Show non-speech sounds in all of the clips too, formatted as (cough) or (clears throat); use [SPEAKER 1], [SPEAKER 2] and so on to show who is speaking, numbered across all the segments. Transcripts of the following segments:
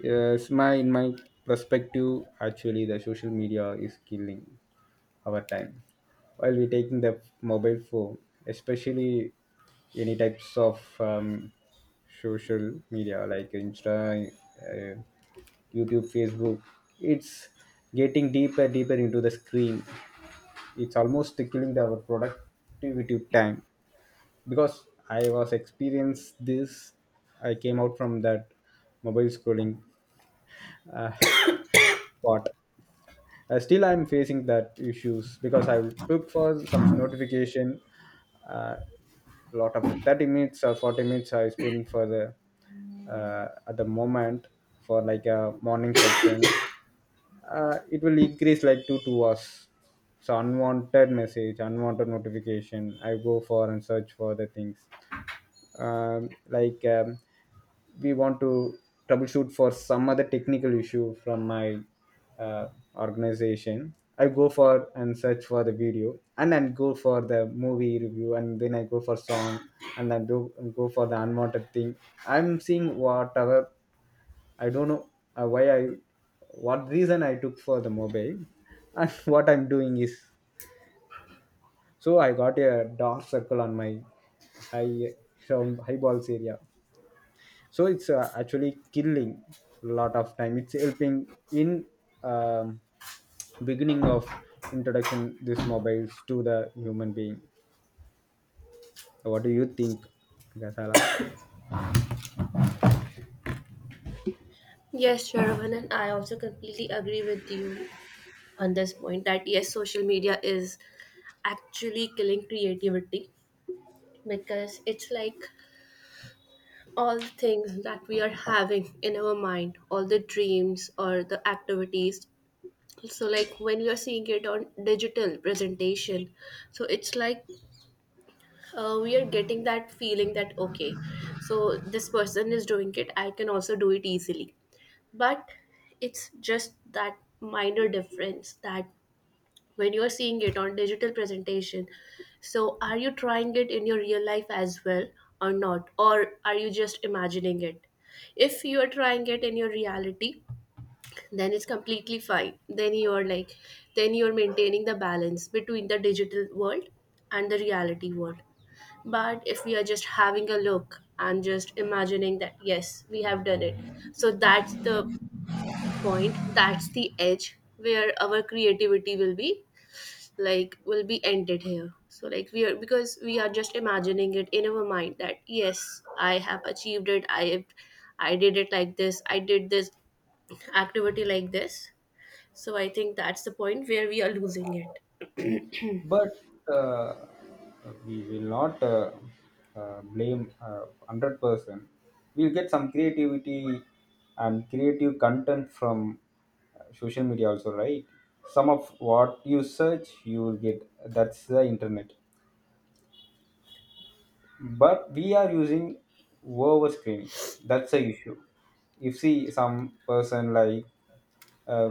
[SPEAKER 1] Yes, my in my perspective, actually, the social media is killing our time. While we're taking the mobile phone, especially any types of social media like Insta, YouTube, Facebook, it's getting deeper, deeper into the screen. It's almost killing our productivity time because I was experienced this. I came out from that mobile scrolling part, still I'm facing that issues because I took for some notification, uh, lot of 30 minutes or 40 minutes I spend for the, at the moment, for like a morning section. It will increase like two hours. So unwanted message, unwanted notification, I go for and search for the things. Like we want to troubleshoot for some other technical issue from my, uh, organization. I go for and search for the video, and then go for the movie review, and then I go for song, and then do go for the unwanted thing. I'm seeing whatever. I don't know why I, what reason I took for the mobile, and (laughs) what I'm doing is, so I got a dark circle on my high, from high balls area. So it's actually killing a lot of time. It's helping in, um, beginning of introduction, these mobiles to the human being. So what do you think, Gasala?
[SPEAKER 2] Yes, Shravan, and I also completely agree with you on this point that yes, social media is actually killing creativity because it's like all the things that we are having in our mind, all the dreams or the activities. So, like when we are seeing it on digital presentation, so it's like we are getting that feeling that okay, so this person is doing it, I can also do it easily. But it's just that minor difference that when you're seeing it on digital presentation, so are you trying it in your real life as well or not, or are you just imagining it? If you are trying it in your reality, then it's completely fine. Then you are like, then you're maintaining the balance between the digital world and the reality world. But if we are just having a look and just imagining that yes, we have done it, so that's the point, that's the edge where our creativity will be, like will be ended here. So like we are, because we are just imagining it in our mind that yes, I have achieved it, I have, I did it like this, I did this activity like this. So I think that's the point where we are losing it.
[SPEAKER 1] But uh, we will not blame, 100%, we'll get some creativity and creative content from social media also, right? Some of what you search, you will get. That's the internet. But we are using over screening, that's the issue. If see some person like, uh,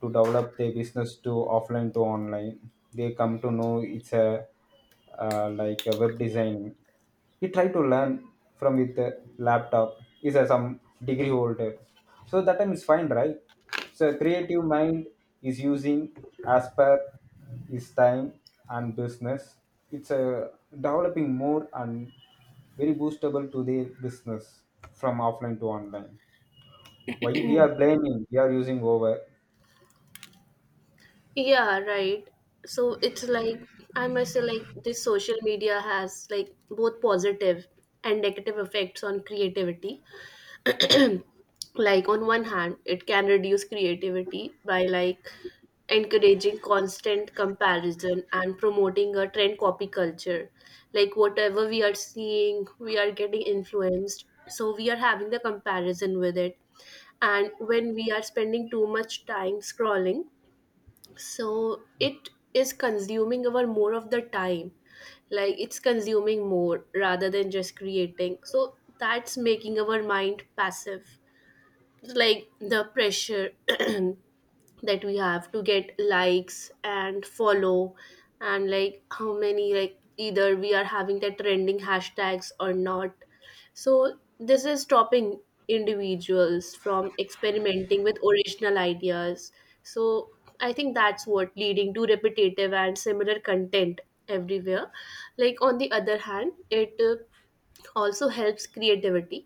[SPEAKER 1] to develop their business to offline to online, they come to know it's a like a web design. He try to learn from with the laptop. He's a some degree holder, so that time is fine, right? So creative mind is using as per his time and business. It's a developing more, and very boostable to their business from offline to online. Why we are blaming? We are using over.
[SPEAKER 2] Yeah, right. So it's like, I must say, like this social media has like both positive and negative effects on creativity. Like on one hand, it can reduce creativity by like encouraging constant comparison and promoting a trend copy culture. Like whatever we are seeing, we are getting influenced, so we are having the comparison with it. And when we are spending too much time scrolling, so it is consuming our more of the time. Like it's consuming more rather than just creating, so that's making our mind passive. It's like the pressure (clears throat) that we have to get likes and follow, and like how many, like either we are having that trending hashtags or not. So this is stopping individuals from experimenting with original ideas. So I think that's what leading to repetitive and similar content everywhere. Like on the other hand, it also helps creativity.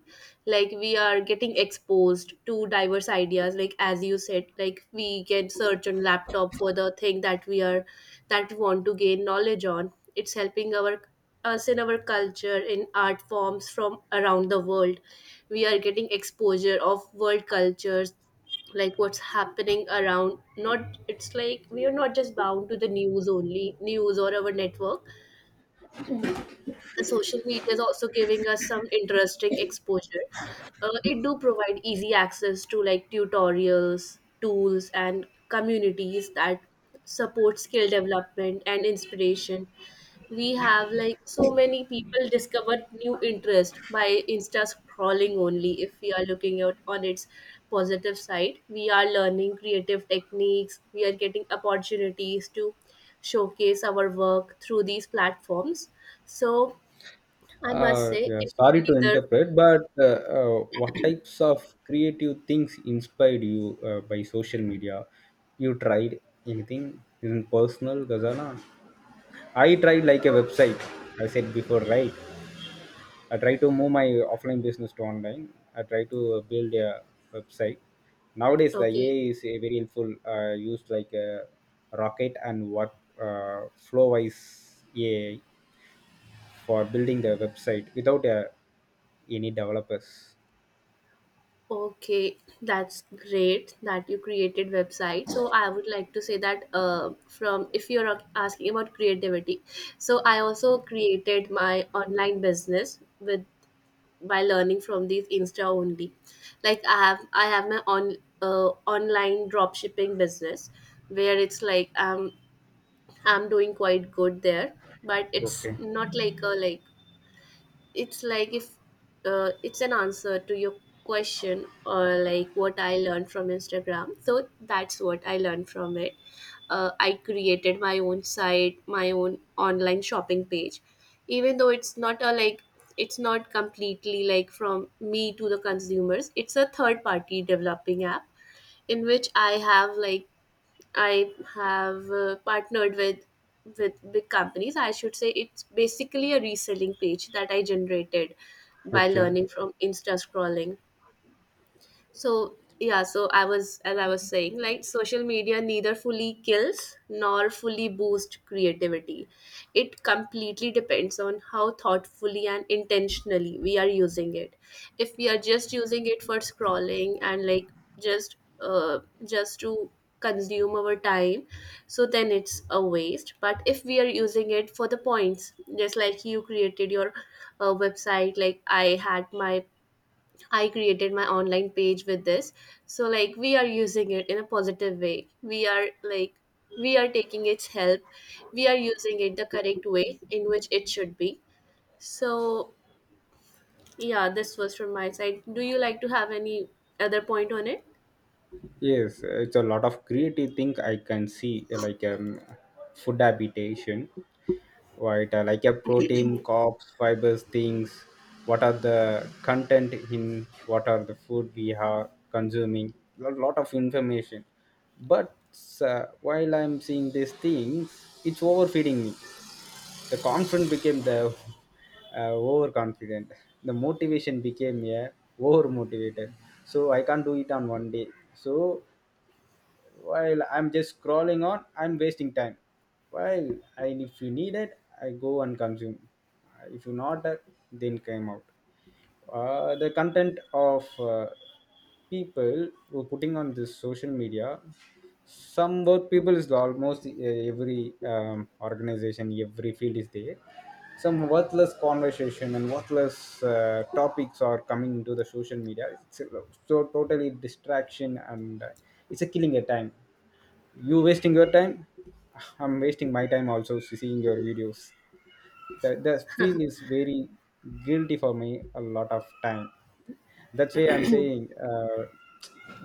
[SPEAKER 2] Like we are getting exposed to diverse ideas, like as you said, like we can search on laptop for the thing that we are, that we want to gain knowledge on. It's helping our, us in our culture, in art forms from around the world. We are getting exposure of world cultures, like what's happening around, not it's like we are not just bound to the news, only news or our network. The social media is also giving us some interesting exposure. It do provide easy access to like tutorials, tools, and communities that support skill development and inspiration. We have like so many people discovered new interest by Insta scrolling only. If we are looking out on its positive side, we are learning creative techniques. We are getting opportunities to showcase our work through these platforms. So I must say
[SPEAKER 1] Yeah,
[SPEAKER 2] it
[SPEAKER 1] sorry to
[SPEAKER 2] neither.
[SPEAKER 1] interpret, but what types of creative things inspired you by social media? You tried anything? Isn't personal, Gazana? I tried like a website. I said before, right? I try to move my offline business to online. I try to build a website. Nowadays, the
[SPEAKER 2] Okay.
[SPEAKER 1] AI is very helpful. Used like a rocket, and what wise, AI for building the website without any developers.
[SPEAKER 2] Okay, that's great that you created website. So I would like to say that, from if you're asking about creativity, so I also created my online business with, by learning from these insta only. Like I have my on, online drop shipping business where it's like I'm doing quite good there. But it's
[SPEAKER 1] Okay.
[SPEAKER 2] not like a like, it's like if, it's an answer to your question, or like what I learned from Instagram, so that's what I learned from it. I created my own site, my own online shopping page. Even though it's not a like, it's not completely like from me to the consumers, it's a third party developing app in which I have like, I have partnered with big companies. I should say it's basically a reselling page that I generated by
[SPEAKER 1] Okay.
[SPEAKER 2] learning from insta scrolling. So yeah, so I was, as I was saying, like social media neither fully kills nor fully boosts creativity. It completely depends on how thoughtfully and intentionally we are using it. If we are just using it for scrolling and like just uh just to consume our time, so then it's a waste. But if we are using it for the points, just like you created your website, like I had my, I created my online page with this. So like we are using it in a positive way. We are like, we are taking its help. We are using it the correct way in which it should be. So yeah, this was from my side. Do you like to have any other point on it?
[SPEAKER 1] Yes, it's a lot of creative thing I can see, like food habitation, right? Like a protein, carbs, fibers, things. What are the content in? What are the food we are consuming? A lot of information. But while I'm seeing these things, it's overfeeding me. The confident became the overconfident. The motivation became a over motivated. So I can't do it on one day. So while I'm just scrolling on, I'm wasting time. While I, if you need it, I go and consume. If you not, then came out the content of uh, people who putting on this social media, some work people is almost every um, organization, every field is there. Some worthless conversation and worthless topics are coming into the social media. It's so totally distraction, and it's a killing your time, you wasting your time. I'm wasting my time also seeing your videos. The feel is very guilty for me a lot of time. That's why I'm saying,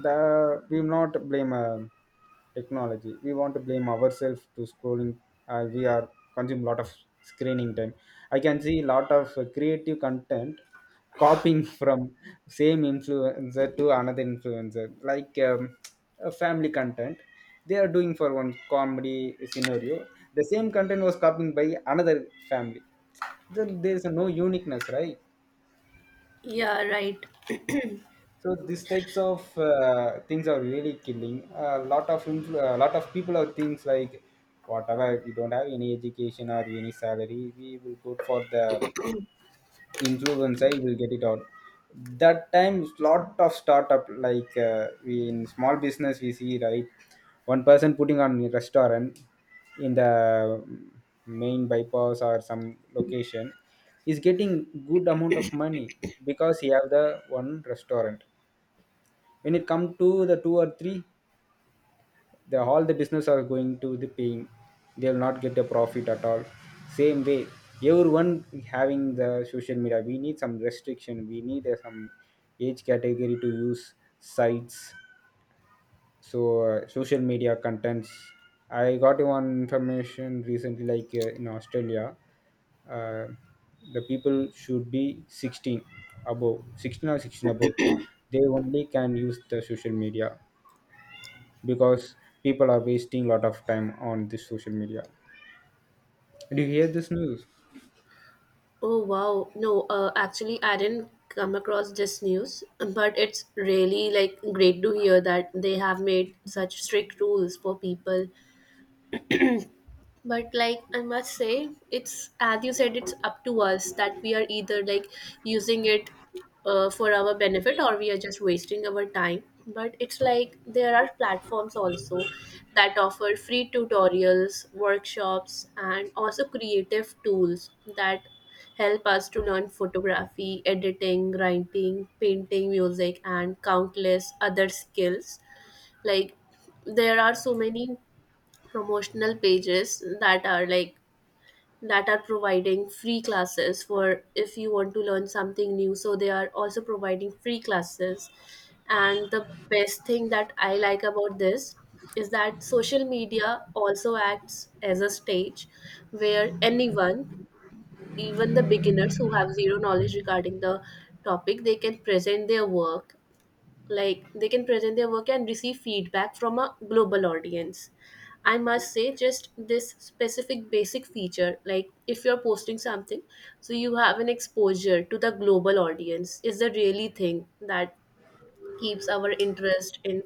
[SPEAKER 1] the we will not blame technology. We want to blame ourselves to scrolling. We are consume lot of screening time. I can see lot of creative content copying (laughs) from same influencer to another influencer, like family content they are doing for one comedy scenario. The same content was copied by another family. There is no uniqueness, right?
[SPEAKER 2] Yeah, right.
[SPEAKER 1] So these types of things are really killing a lot of a lot of people are things like whatever we don't have any education or any salary, we will go for the influence. I will get it out. That time, lot of startup like, we in small business we see, right? One person putting on a restaurant in the main bypass or some location is getting good amount of money because he have the one restaurant. When it come to the two or three, the all the business are going to the paying, they will not get a profit at all. Same way, everyone having the social media, we need some restriction. We need some age category to use sites. So social media contents, I got one information recently, like in Australia, uh, the people should be 16, above 16 or 16 above, they only can use the social media, because people are wasting a lot of time on this social media. Do you hear this news?
[SPEAKER 2] Oh wow. No, actually I didn't come across this news, but it's really like great to hear that they have made such strict rules for people. But like I must say, it's as you said, it's up to us that we are either like using it for our benefit or we are just wasting our time. But it's like there are platforms also that offer free tutorials, workshops, and also creative tools that help us to learn photography, editing, writing, painting, music, and countless other skills. Like there are so many promotional pages that are like, that are providing free classes for if you want to learn something new, so they are also providing free classes. And the best thing that I like about this is that social media also acts as a stage where anyone, even the beginners who have zero knowledge regarding the topic, they can present their work. Like they can present their work and receive feedback from a global audience. I must say, just this specific basic feature, like if you're posting something, so you have an exposure to the global audience, is a really thing that keeps our interest in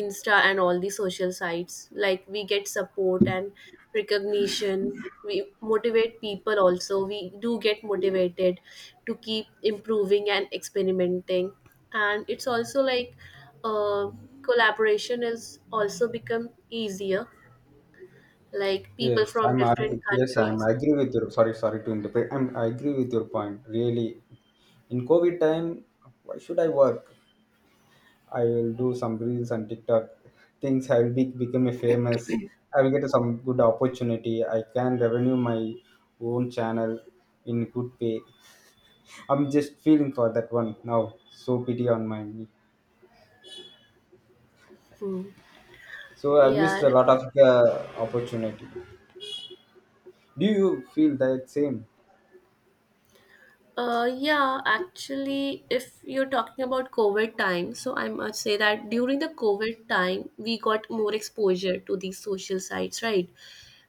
[SPEAKER 2] insta and all the social sites. Like we get support and recognition, we motivate people, also we do get motivated to keep improving and experimenting. And it's also like, uh, collaboration is also become easier, like people
[SPEAKER 1] Yes,
[SPEAKER 2] from
[SPEAKER 1] I'm agree.
[SPEAKER 2] different
[SPEAKER 1] Yes, I'm
[SPEAKER 2] countries.
[SPEAKER 1] I agree with your. Sorry, sorry to interrupt. I agree with your point. Really, in COVID time, why should I work? I will do some reels on TikTok things. I will become a famous. I will get some good opportunity. I can revenue my own channel in good pay. (laughs) I'm just feeling for that one now. So pity on my me.
[SPEAKER 2] Hmm.
[SPEAKER 1] So I missed
[SPEAKER 2] Yeah.
[SPEAKER 1] a lot of the opportunity. Do you feel that same?
[SPEAKER 2] Yeah, actually, if you're talking about COVID time, so I must say that during the COVID time, we got more exposure to these social sites, right?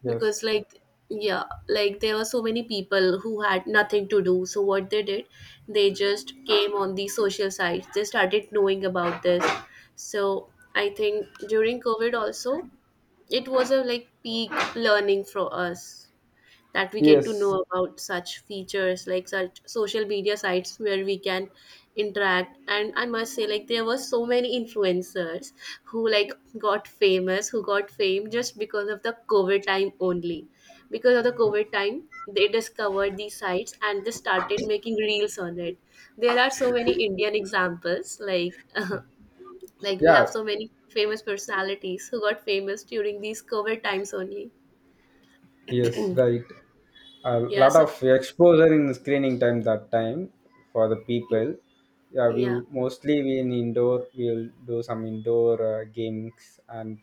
[SPEAKER 1] Yes.
[SPEAKER 2] Because, like, yeah, like there were so many people who had nothing to do. So, what they did, they just came on these social sites, they started knowing about this. So, I think during COVID also, it was a like peak learning for us, that we get to
[SPEAKER 1] Yes.
[SPEAKER 2] know about such features, like such social media sites where we can interact. And I must say, like there were so many influencers who like got famous, who got fame just because of the COVID time only. Because of the COVID time, they discovered these sites and they started making reels on it. There are so many Indian examples like (laughs) like we have
[SPEAKER 1] Yeah.
[SPEAKER 2] so many famous personalities who got famous during these COVID times only.
[SPEAKER 1] Yes. Right. A
[SPEAKER 2] Yeah.
[SPEAKER 1] lot
[SPEAKER 2] So
[SPEAKER 1] of exposure in screening time, that time, for the
[SPEAKER 2] yeah.
[SPEAKER 1] people. Yeah, we
[SPEAKER 2] Yeah.
[SPEAKER 1] mostly, we in indoor. We'll do some indoor games and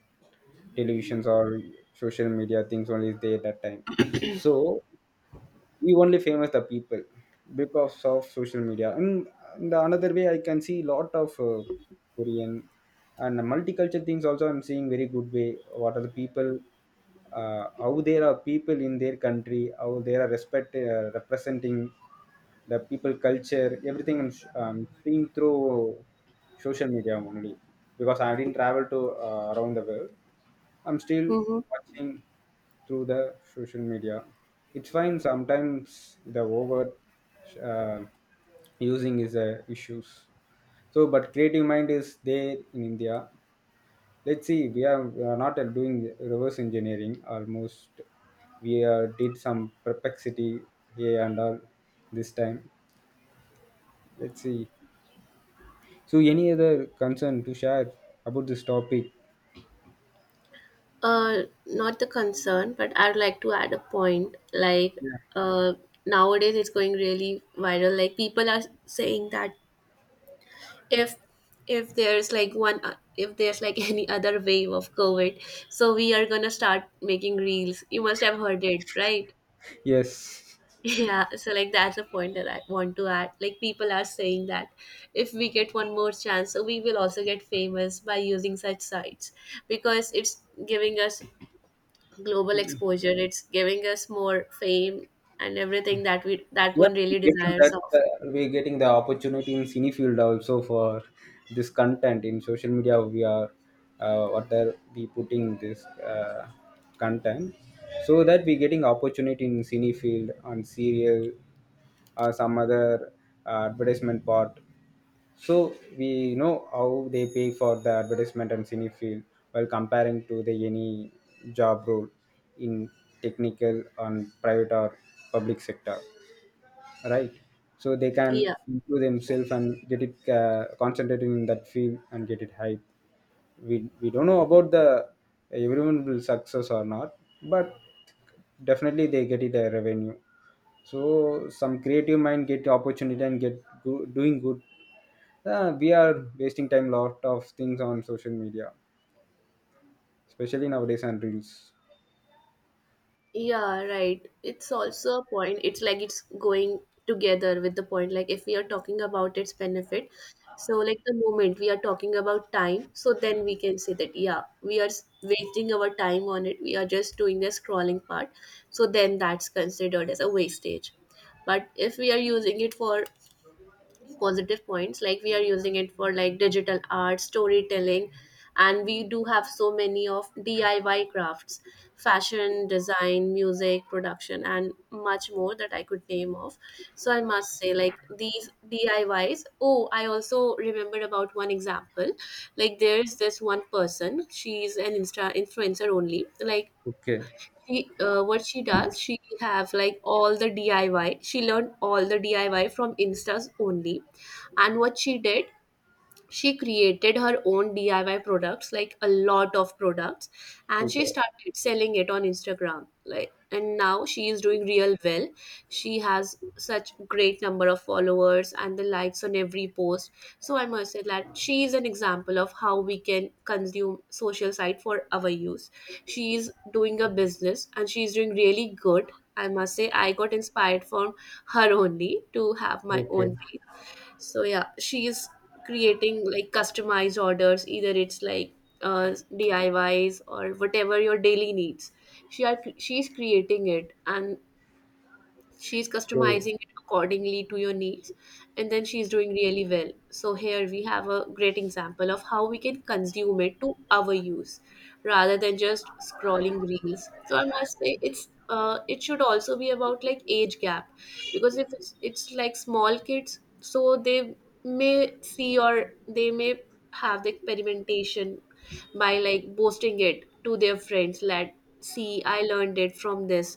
[SPEAKER 1] televisions or social media things only is there that time. So we only famous the people because of social media, and the another way I can see lot of Korean and multicultural things also. I'm seeing very good way, what are the people, how there are people in their country, how they are respect representing the people, culture, everything. I'm seeing through social media only, because I didn't travel to around the world. I'm still
[SPEAKER 2] Mm-hmm.
[SPEAKER 1] watching through the social media. It's fine. Sometimes the over uh, using is a issues. So, but creative mind is there in India. Let's see, we are not doing reverse engineering almost. We did some perplexity here and all this time. Let's see. So, any other concern to share about this topic?
[SPEAKER 2] Not the concern, but I'd like to add a point like,
[SPEAKER 1] Yeah.
[SPEAKER 2] uh nowadays it's going really viral, like people are saying that if if there's like one if there's like (laughs) any other wave of COVID, so we are gonna start making reels. You must have heard it, right?
[SPEAKER 1] Yes.
[SPEAKER 2] (laughs) Yeah, so like that's a point that I want to add. Like people are saying that if we get one more chance, so we will also get famous by using such sites because it's giving us global exposure. It's giving us more fame and everything that we, that
[SPEAKER 1] Yeah,
[SPEAKER 2] one
[SPEAKER 1] we're
[SPEAKER 2] really
[SPEAKER 1] getting
[SPEAKER 2] desires
[SPEAKER 1] that
[SPEAKER 2] of.
[SPEAKER 1] uh, we're getting the opportunity in cine field also for this content in social media. We are What are we putting this content so that we're getting opportunity in cine field on serial or some other advertisement part. So we know how they pay for the advertisement and cine field while comparing to the any job role in technical, on private or public sector, right? So they can
[SPEAKER 2] Yeah.
[SPEAKER 1] improve themselves and get it, concentrating in that field and get it hype. We don't know about the everyone will success or not, but definitely they get it a revenue. So some creative mind get opportunity and doing good. We are wasting time lot of things on social media, especially nowadays on reels.
[SPEAKER 2] Yeah, right. It's also a point. It's like it's going together with the point. Like if we are talking about its benefit, so like the moment we are talking about time, so then we can say that yeah, we are wasting our time on it. We are just doing the scrolling part. So then that's considered as a wastage. But if we are using it for positive points, like we are using it for like digital art, storytelling, and we do have so many of DIY crafts, fashion design, music production, and much more that I could name off. So I must say like these DIYs, oh, I also remembered about one example. Like there's this one person, she's an insta influencer only. Like
[SPEAKER 1] Okay.
[SPEAKER 2] she, what she does, she have like all the DIY she learned, all the DIY from instas only. And what she did, she created her own DIY products, like a lot of products, and she
[SPEAKER 1] Super.
[SPEAKER 2] started selling it on Instagram. Like, and now she is doing real well. She has such great number of followers and the likes on every post. So I must say that she is an example of how we can consume social site for our use. She is doing a business and she is doing really good. I must say I got inspired from her only to have my
[SPEAKER 1] Okay.
[SPEAKER 2] own page. So yeah, she is creating like customized orders, either it's like DIYs or whatever your daily needs. She's creating it, and she's
[SPEAKER 1] So.
[SPEAKER 2] customizing it accordingly to your needs, and then she's doing really well. So here we have a great example of how we can consume it to our use rather than just scrolling reels. So I must say it's, it should also be about like age gap, because if it's, it's like small kids, so they may see, or they may have the experimentation by like boasting it to their friends, like, "See, I learned it from this."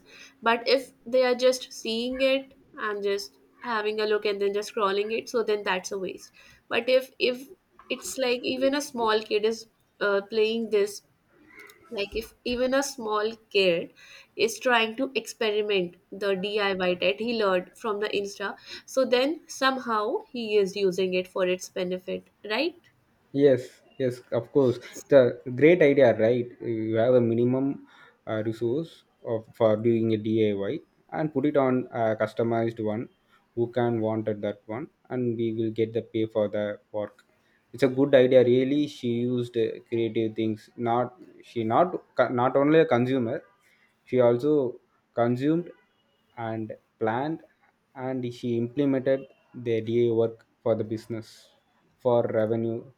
[SPEAKER 2] But if they are just seeing it and just having a look and then just scrolling it, so then that's a waste. But if it's like even a small kid is playing this, like if even a small kid is trying to experiment the DIY that he learned from the Insta, so then somehow he is using it for its benefit, right?
[SPEAKER 1] Yes, yes, of course. The great idea, right? You have a minimum resource of for doing a DIY and put it on a customized one, who can wanted that one, and we will get the pay for the work. It's a good idea. Really, she used creative things. She not Not only a consumer. She also consumed and planned and she implemented the DIY work for the business for revenue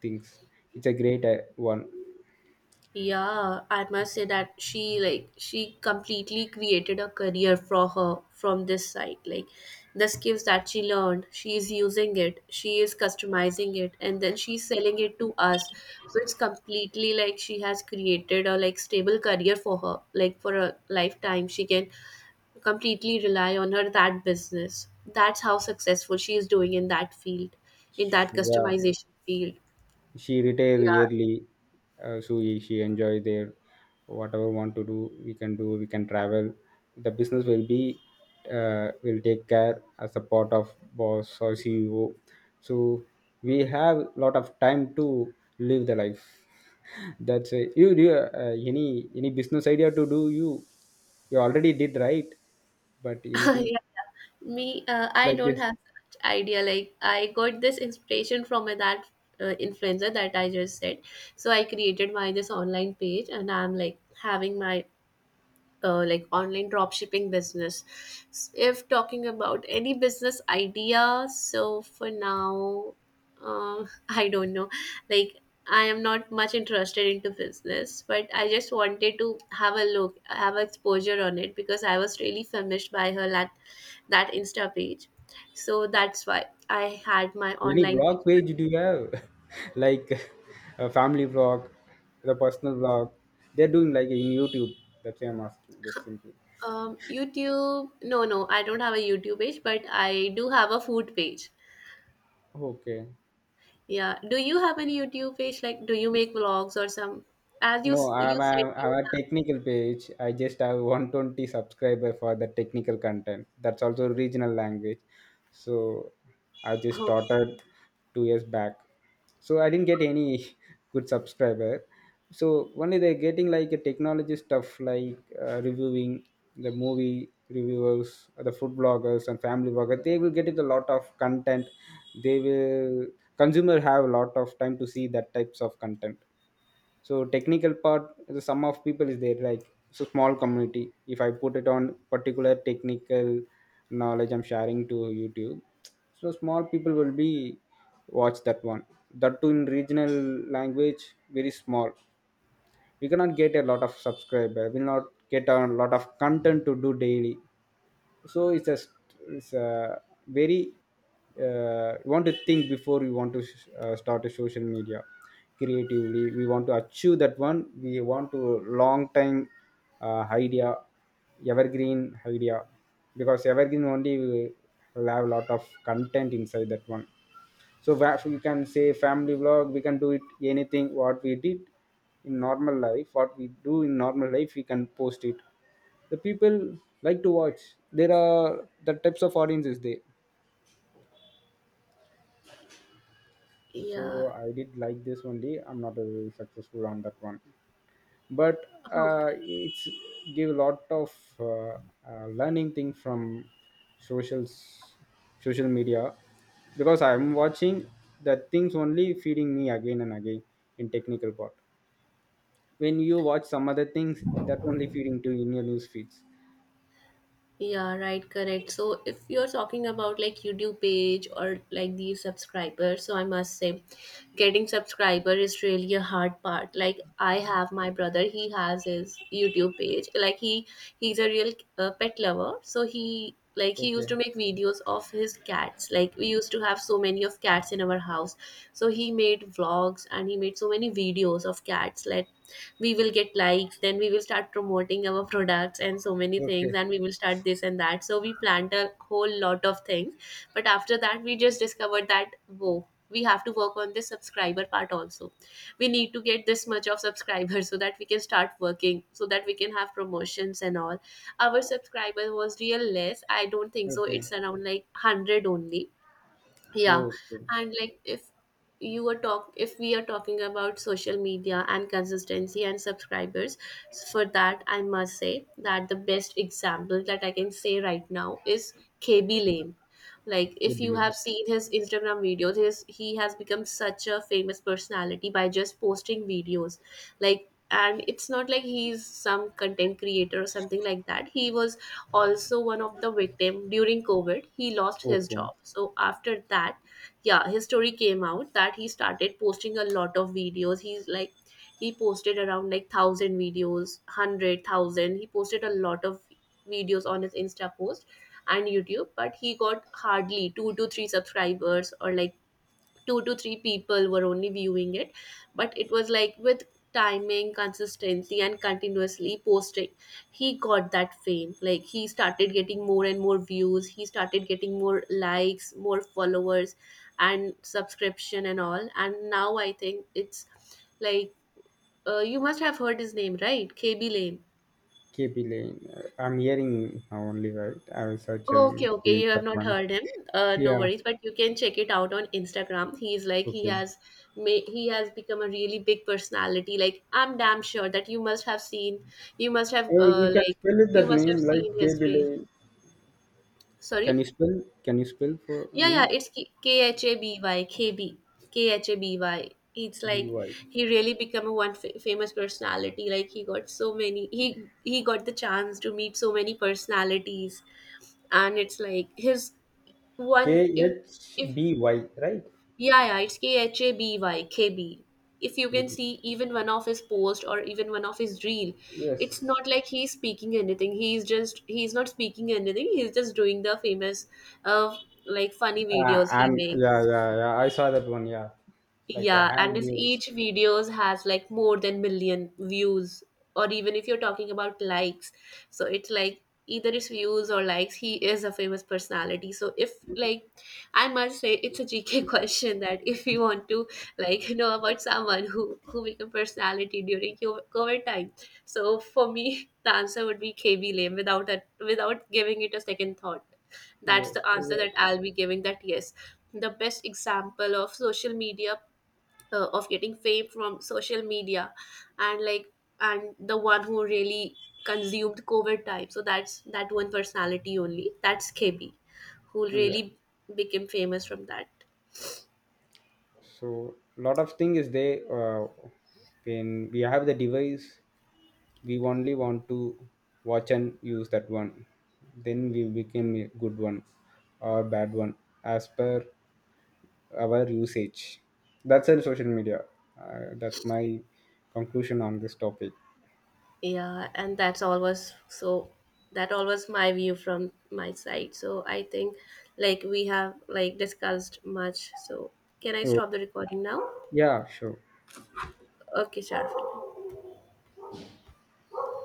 [SPEAKER 1] things. It's a great one.
[SPEAKER 2] Yeah, I must say that she completely created a career for her from this site. Like the skills that she learned, she is using it, she is customizing it, and then she's selling it to us. So it's completely like she has created a like stable career for her. Like for a lifetime, she can completely rely on her that business. That's how successful she is doing in that field, in that
[SPEAKER 1] Yeah,
[SPEAKER 2] customization field.
[SPEAKER 1] she retire
[SPEAKER 2] Yeah,
[SPEAKER 1] yearly, so she enjoy their whatever want to do. We can do. We can travel. The business will be will take care as a part of boss or CEO. So we have lot of time to live the life. (laughs) That's it. Any business idea to do you? You already did, right? But
[SPEAKER 2] (laughs) yeah,
[SPEAKER 1] anything
[SPEAKER 2] yeah. Me, I
[SPEAKER 1] like
[SPEAKER 2] don't
[SPEAKER 1] this?
[SPEAKER 2] have such idea. Like I got this inspiration from that influencer that I just said. So I created my this online page, and I'm like having my like online drop shipping business. If talking about any business idea, so for now, (laughs) I don't know. Like I am not much interested into business, but I just wanted to have a look, have exposure on it, because I was really famished by her, that Insta page. So that's why I had my
[SPEAKER 1] Any
[SPEAKER 2] online page.
[SPEAKER 1] blog page do you have? (laughs) Like a family blog, the personal blog. They're doing like in YouTube. That's why I'm asking. Just simply.
[SPEAKER 2] YouTube? No, no, I don't have a YouTube page, but I do have a food page.
[SPEAKER 1] Okay.
[SPEAKER 2] Yeah. Do you have any YouTube page? Like, do you make vlogs or some? As you
[SPEAKER 1] No,
[SPEAKER 2] you
[SPEAKER 1] I'm,
[SPEAKER 2] said,
[SPEAKER 1] I'm, I'm
[SPEAKER 2] you
[SPEAKER 1] a technical page. I just have 120 subscriber for the technical content. That's also regional language. So I just
[SPEAKER 2] have. Okay.
[SPEAKER 1] started 2 years back. So I didn't get any (laughs) good subscriber. So only they're getting like a technology stuff, like reviewing the movie reviewers, the food bloggers and family bloggers. They will get it a lot of content. They will consumer have a lot of time to see that types of content. So technical part, the sum of people is there, like it's a small community. If I put it on particular technical knowledge I'm sharing to YouTube, so small people will be watch that one, that too in regional language. Very small. We cannot get a lot of subscriber, will not get a lot of content to do daily. So it's a very, you want to think before you want to start a social media creatively. We want to achieve that one. We want to long time idea, evergreen idea, because evergreen only we will have a lot of content inside that one. So where we can say family vlog we can do it, anything what we did in normal life, what we do in normal life we can post it. The people like to watch, there are the types of audiences there. So
[SPEAKER 2] Yeah.
[SPEAKER 1] I did like this only. I'm not successful on that one. But uh,
[SPEAKER 2] Okay.
[SPEAKER 1] it's give a lot of uh, learning thing from socials social media, because I'm watching the things only feeding me again and again in technical part. When you watch some other things, that only feeding to in your news feeds.
[SPEAKER 2] Yeah, right, correct. So if you're talking about like YouTube page or like the subscribers, so I must say getting subscriber is really a hard part. Like I have my brother, he has his YouTube page. He's a real pet lover. So he used to
[SPEAKER 1] Okay.
[SPEAKER 2] make videos of his cats. Like we used to have so many of cats in our house. So he made vlogs and he made so many videos of cats. Like we will get likes, then we will start promoting our products and so many
[SPEAKER 1] Okay.
[SPEAKER 2] things, and we will start this and that. So we planned a whole lot of things, but after that we just discovered that, whoa, we have to work on this subscriber part also. We need to get this much of subscribers. (laughs) So that we can start working, so that we can have promotions and all. Our subscriber was real less, I don't think so,
[SPEAKER 1] Okay.
[SPEAKER 2] it's around like 100 only. Yeah,
[SPEAKER 1] Okay.
[SPEAKER 2] and like if you are talk if we are talking about social media and consistency and subscribers, so for that I must say that the best example that I can say right now is KB Lane. Like
[SPEAKER 1] Keep
[SPEAKER 2] if you
[SPEAKER 1] lane.
[SPEAKER 2] have seen his Instagram videos, his he has become such a famous personality by just posting videos. Like, and it's not like he's some content creator or something like that. He was also one of the victim during COVID. He lost his
[SPEAKER 1] Okay.
[SPEAKER 2] job, so after that, yeah, his story came out that he started posting a lot of videos. He's like he posted around like 1000 videos, 100,000, he posted a lot of videos on his Insta post and YouTube, but he got hardly 2 to 3 subscribers, or like two to three people were only viewing it. But it was like with timing, consistency, and continuously posting, he got that fame. Like he started getting more and more views, he started getting more likes, more followers, and subscription and all. And now I think it's like, you must have heard his name, right? KB Lane.
[SPEAKER 1] Keep lane. I'm hearing now only, right? I will search,
[SPEAKER 2] Okay, okay,
[SPEAKER 1] see
[SPEAKER 2] you have
[SPEAKER 1] that
[SPEAKER 2] not
[SPEAKER 1] one.
[SPEAKER 2] heard him. No
[SPEAKER 1] Yeah.
[SPEAKER 2] worries, but you can check it out on Instagram. He's like he
[SPEAKER 1] Okay.
[SPEAKER 2] has ma- He has become a really big personality. Like I'm damn sure that you must have seen, you must have
[SPEAKER 1] Oh, you can
[SPEAKER 2] like
[SPEAKER 1] spell it
[SPEAKER 2] you
[SPEAKER 1] that
[SPEAKER 2] must
[SPEAKER 1] name,
[SPEAKER 2] have
[SPEAKER 1] like
[SPEAKER 2] seen
[SPEAKER 1] K
[SPEAKER 2] his
[SPEAKER 1] B L
[SPEAKER 2] reel.
[SPEAKER 1] A. can you
[SPEAKER 2] Sorry,
[SPEAKER 1] spell can you spell for
[SPEAKER 2] yeah,
[SPEAKER 1] name?
[SPEAKER 2] yeah, it's Khaby KB Khaby. It's
[SPEAKER 1] b
[SPEAKER 2] like
[SPEAKER 1] y
[SPEAKER 2] he really become a famous personality. Like he got so many, he got the chance to meet so many personalities. And it's like his
[SPEAKER 1] k
[SPEAKER 2] one
[SPEAKER 1] h
[SPEAKER 2] if
[SPEAKER 1] b y Right.
[SPEAKER 2] yeah, yeah, it's Khaby KB. If you can
[SPEAKER 1] Kaby.
[SPEAKER 2] see even one of his post or even one of his reel, it's
[SPEAKER 1] Yes.
[SPEAKER 2] not like he's speaking anything. He's not speaking anything. He's just doing the famous, uh, like, funny videos he
[SPEAKER 1] And yeah,
[SPEAKER 2] makes.
[SPEAKER 1] yeah, yeah, I saw that one. Yeah. Like a
[SPEAKER 2] Yeah, and
[SPEAKER 1] hand
[SPEAKER 2] if
[SPEAKER 1] views.
[SPEAKER 2] each videos has like more than million views, or even if you're talking about likes, so it's like either it's views or likes, he is a famous personality. So if, like, I must say it's a GK (laughs) question, that if you want to like know about someone who became personality during COVID time. So for me, (laughs) the answer would be KB Lame without a, without giving it a second thought. That's
[SPEAKER 1] Yes.
[SPEAKER 2] the answer
[SPEAKER 1] Yeah.
[SPEAKER 2] that I'll be giving, that yes, the best example of social media, of getting fame from social media, and like and the one who really consumed COVID time. So that's that one personality only, that's Kebi, who
[SPEAKER 1] Yeah.
[SPEAKER 2] really became famous from that.
[SPEAKER 1] So lot of thing is there. When we have the device, we only want to watch and use that one. Then we became a good one or bad one as per our usage. That's in social media. That's my conclusion on this topic.
[SPEAKER 2] Yeah, and that's all was so that all was my view from my side. So I think like we have like discussed much, so can I
[SPEAKER 1] So,
[SPEAKER 2] stop the recording now?
[SPEAKER 1] yeah, sure.
[SPEAKER 2] Okay, sure.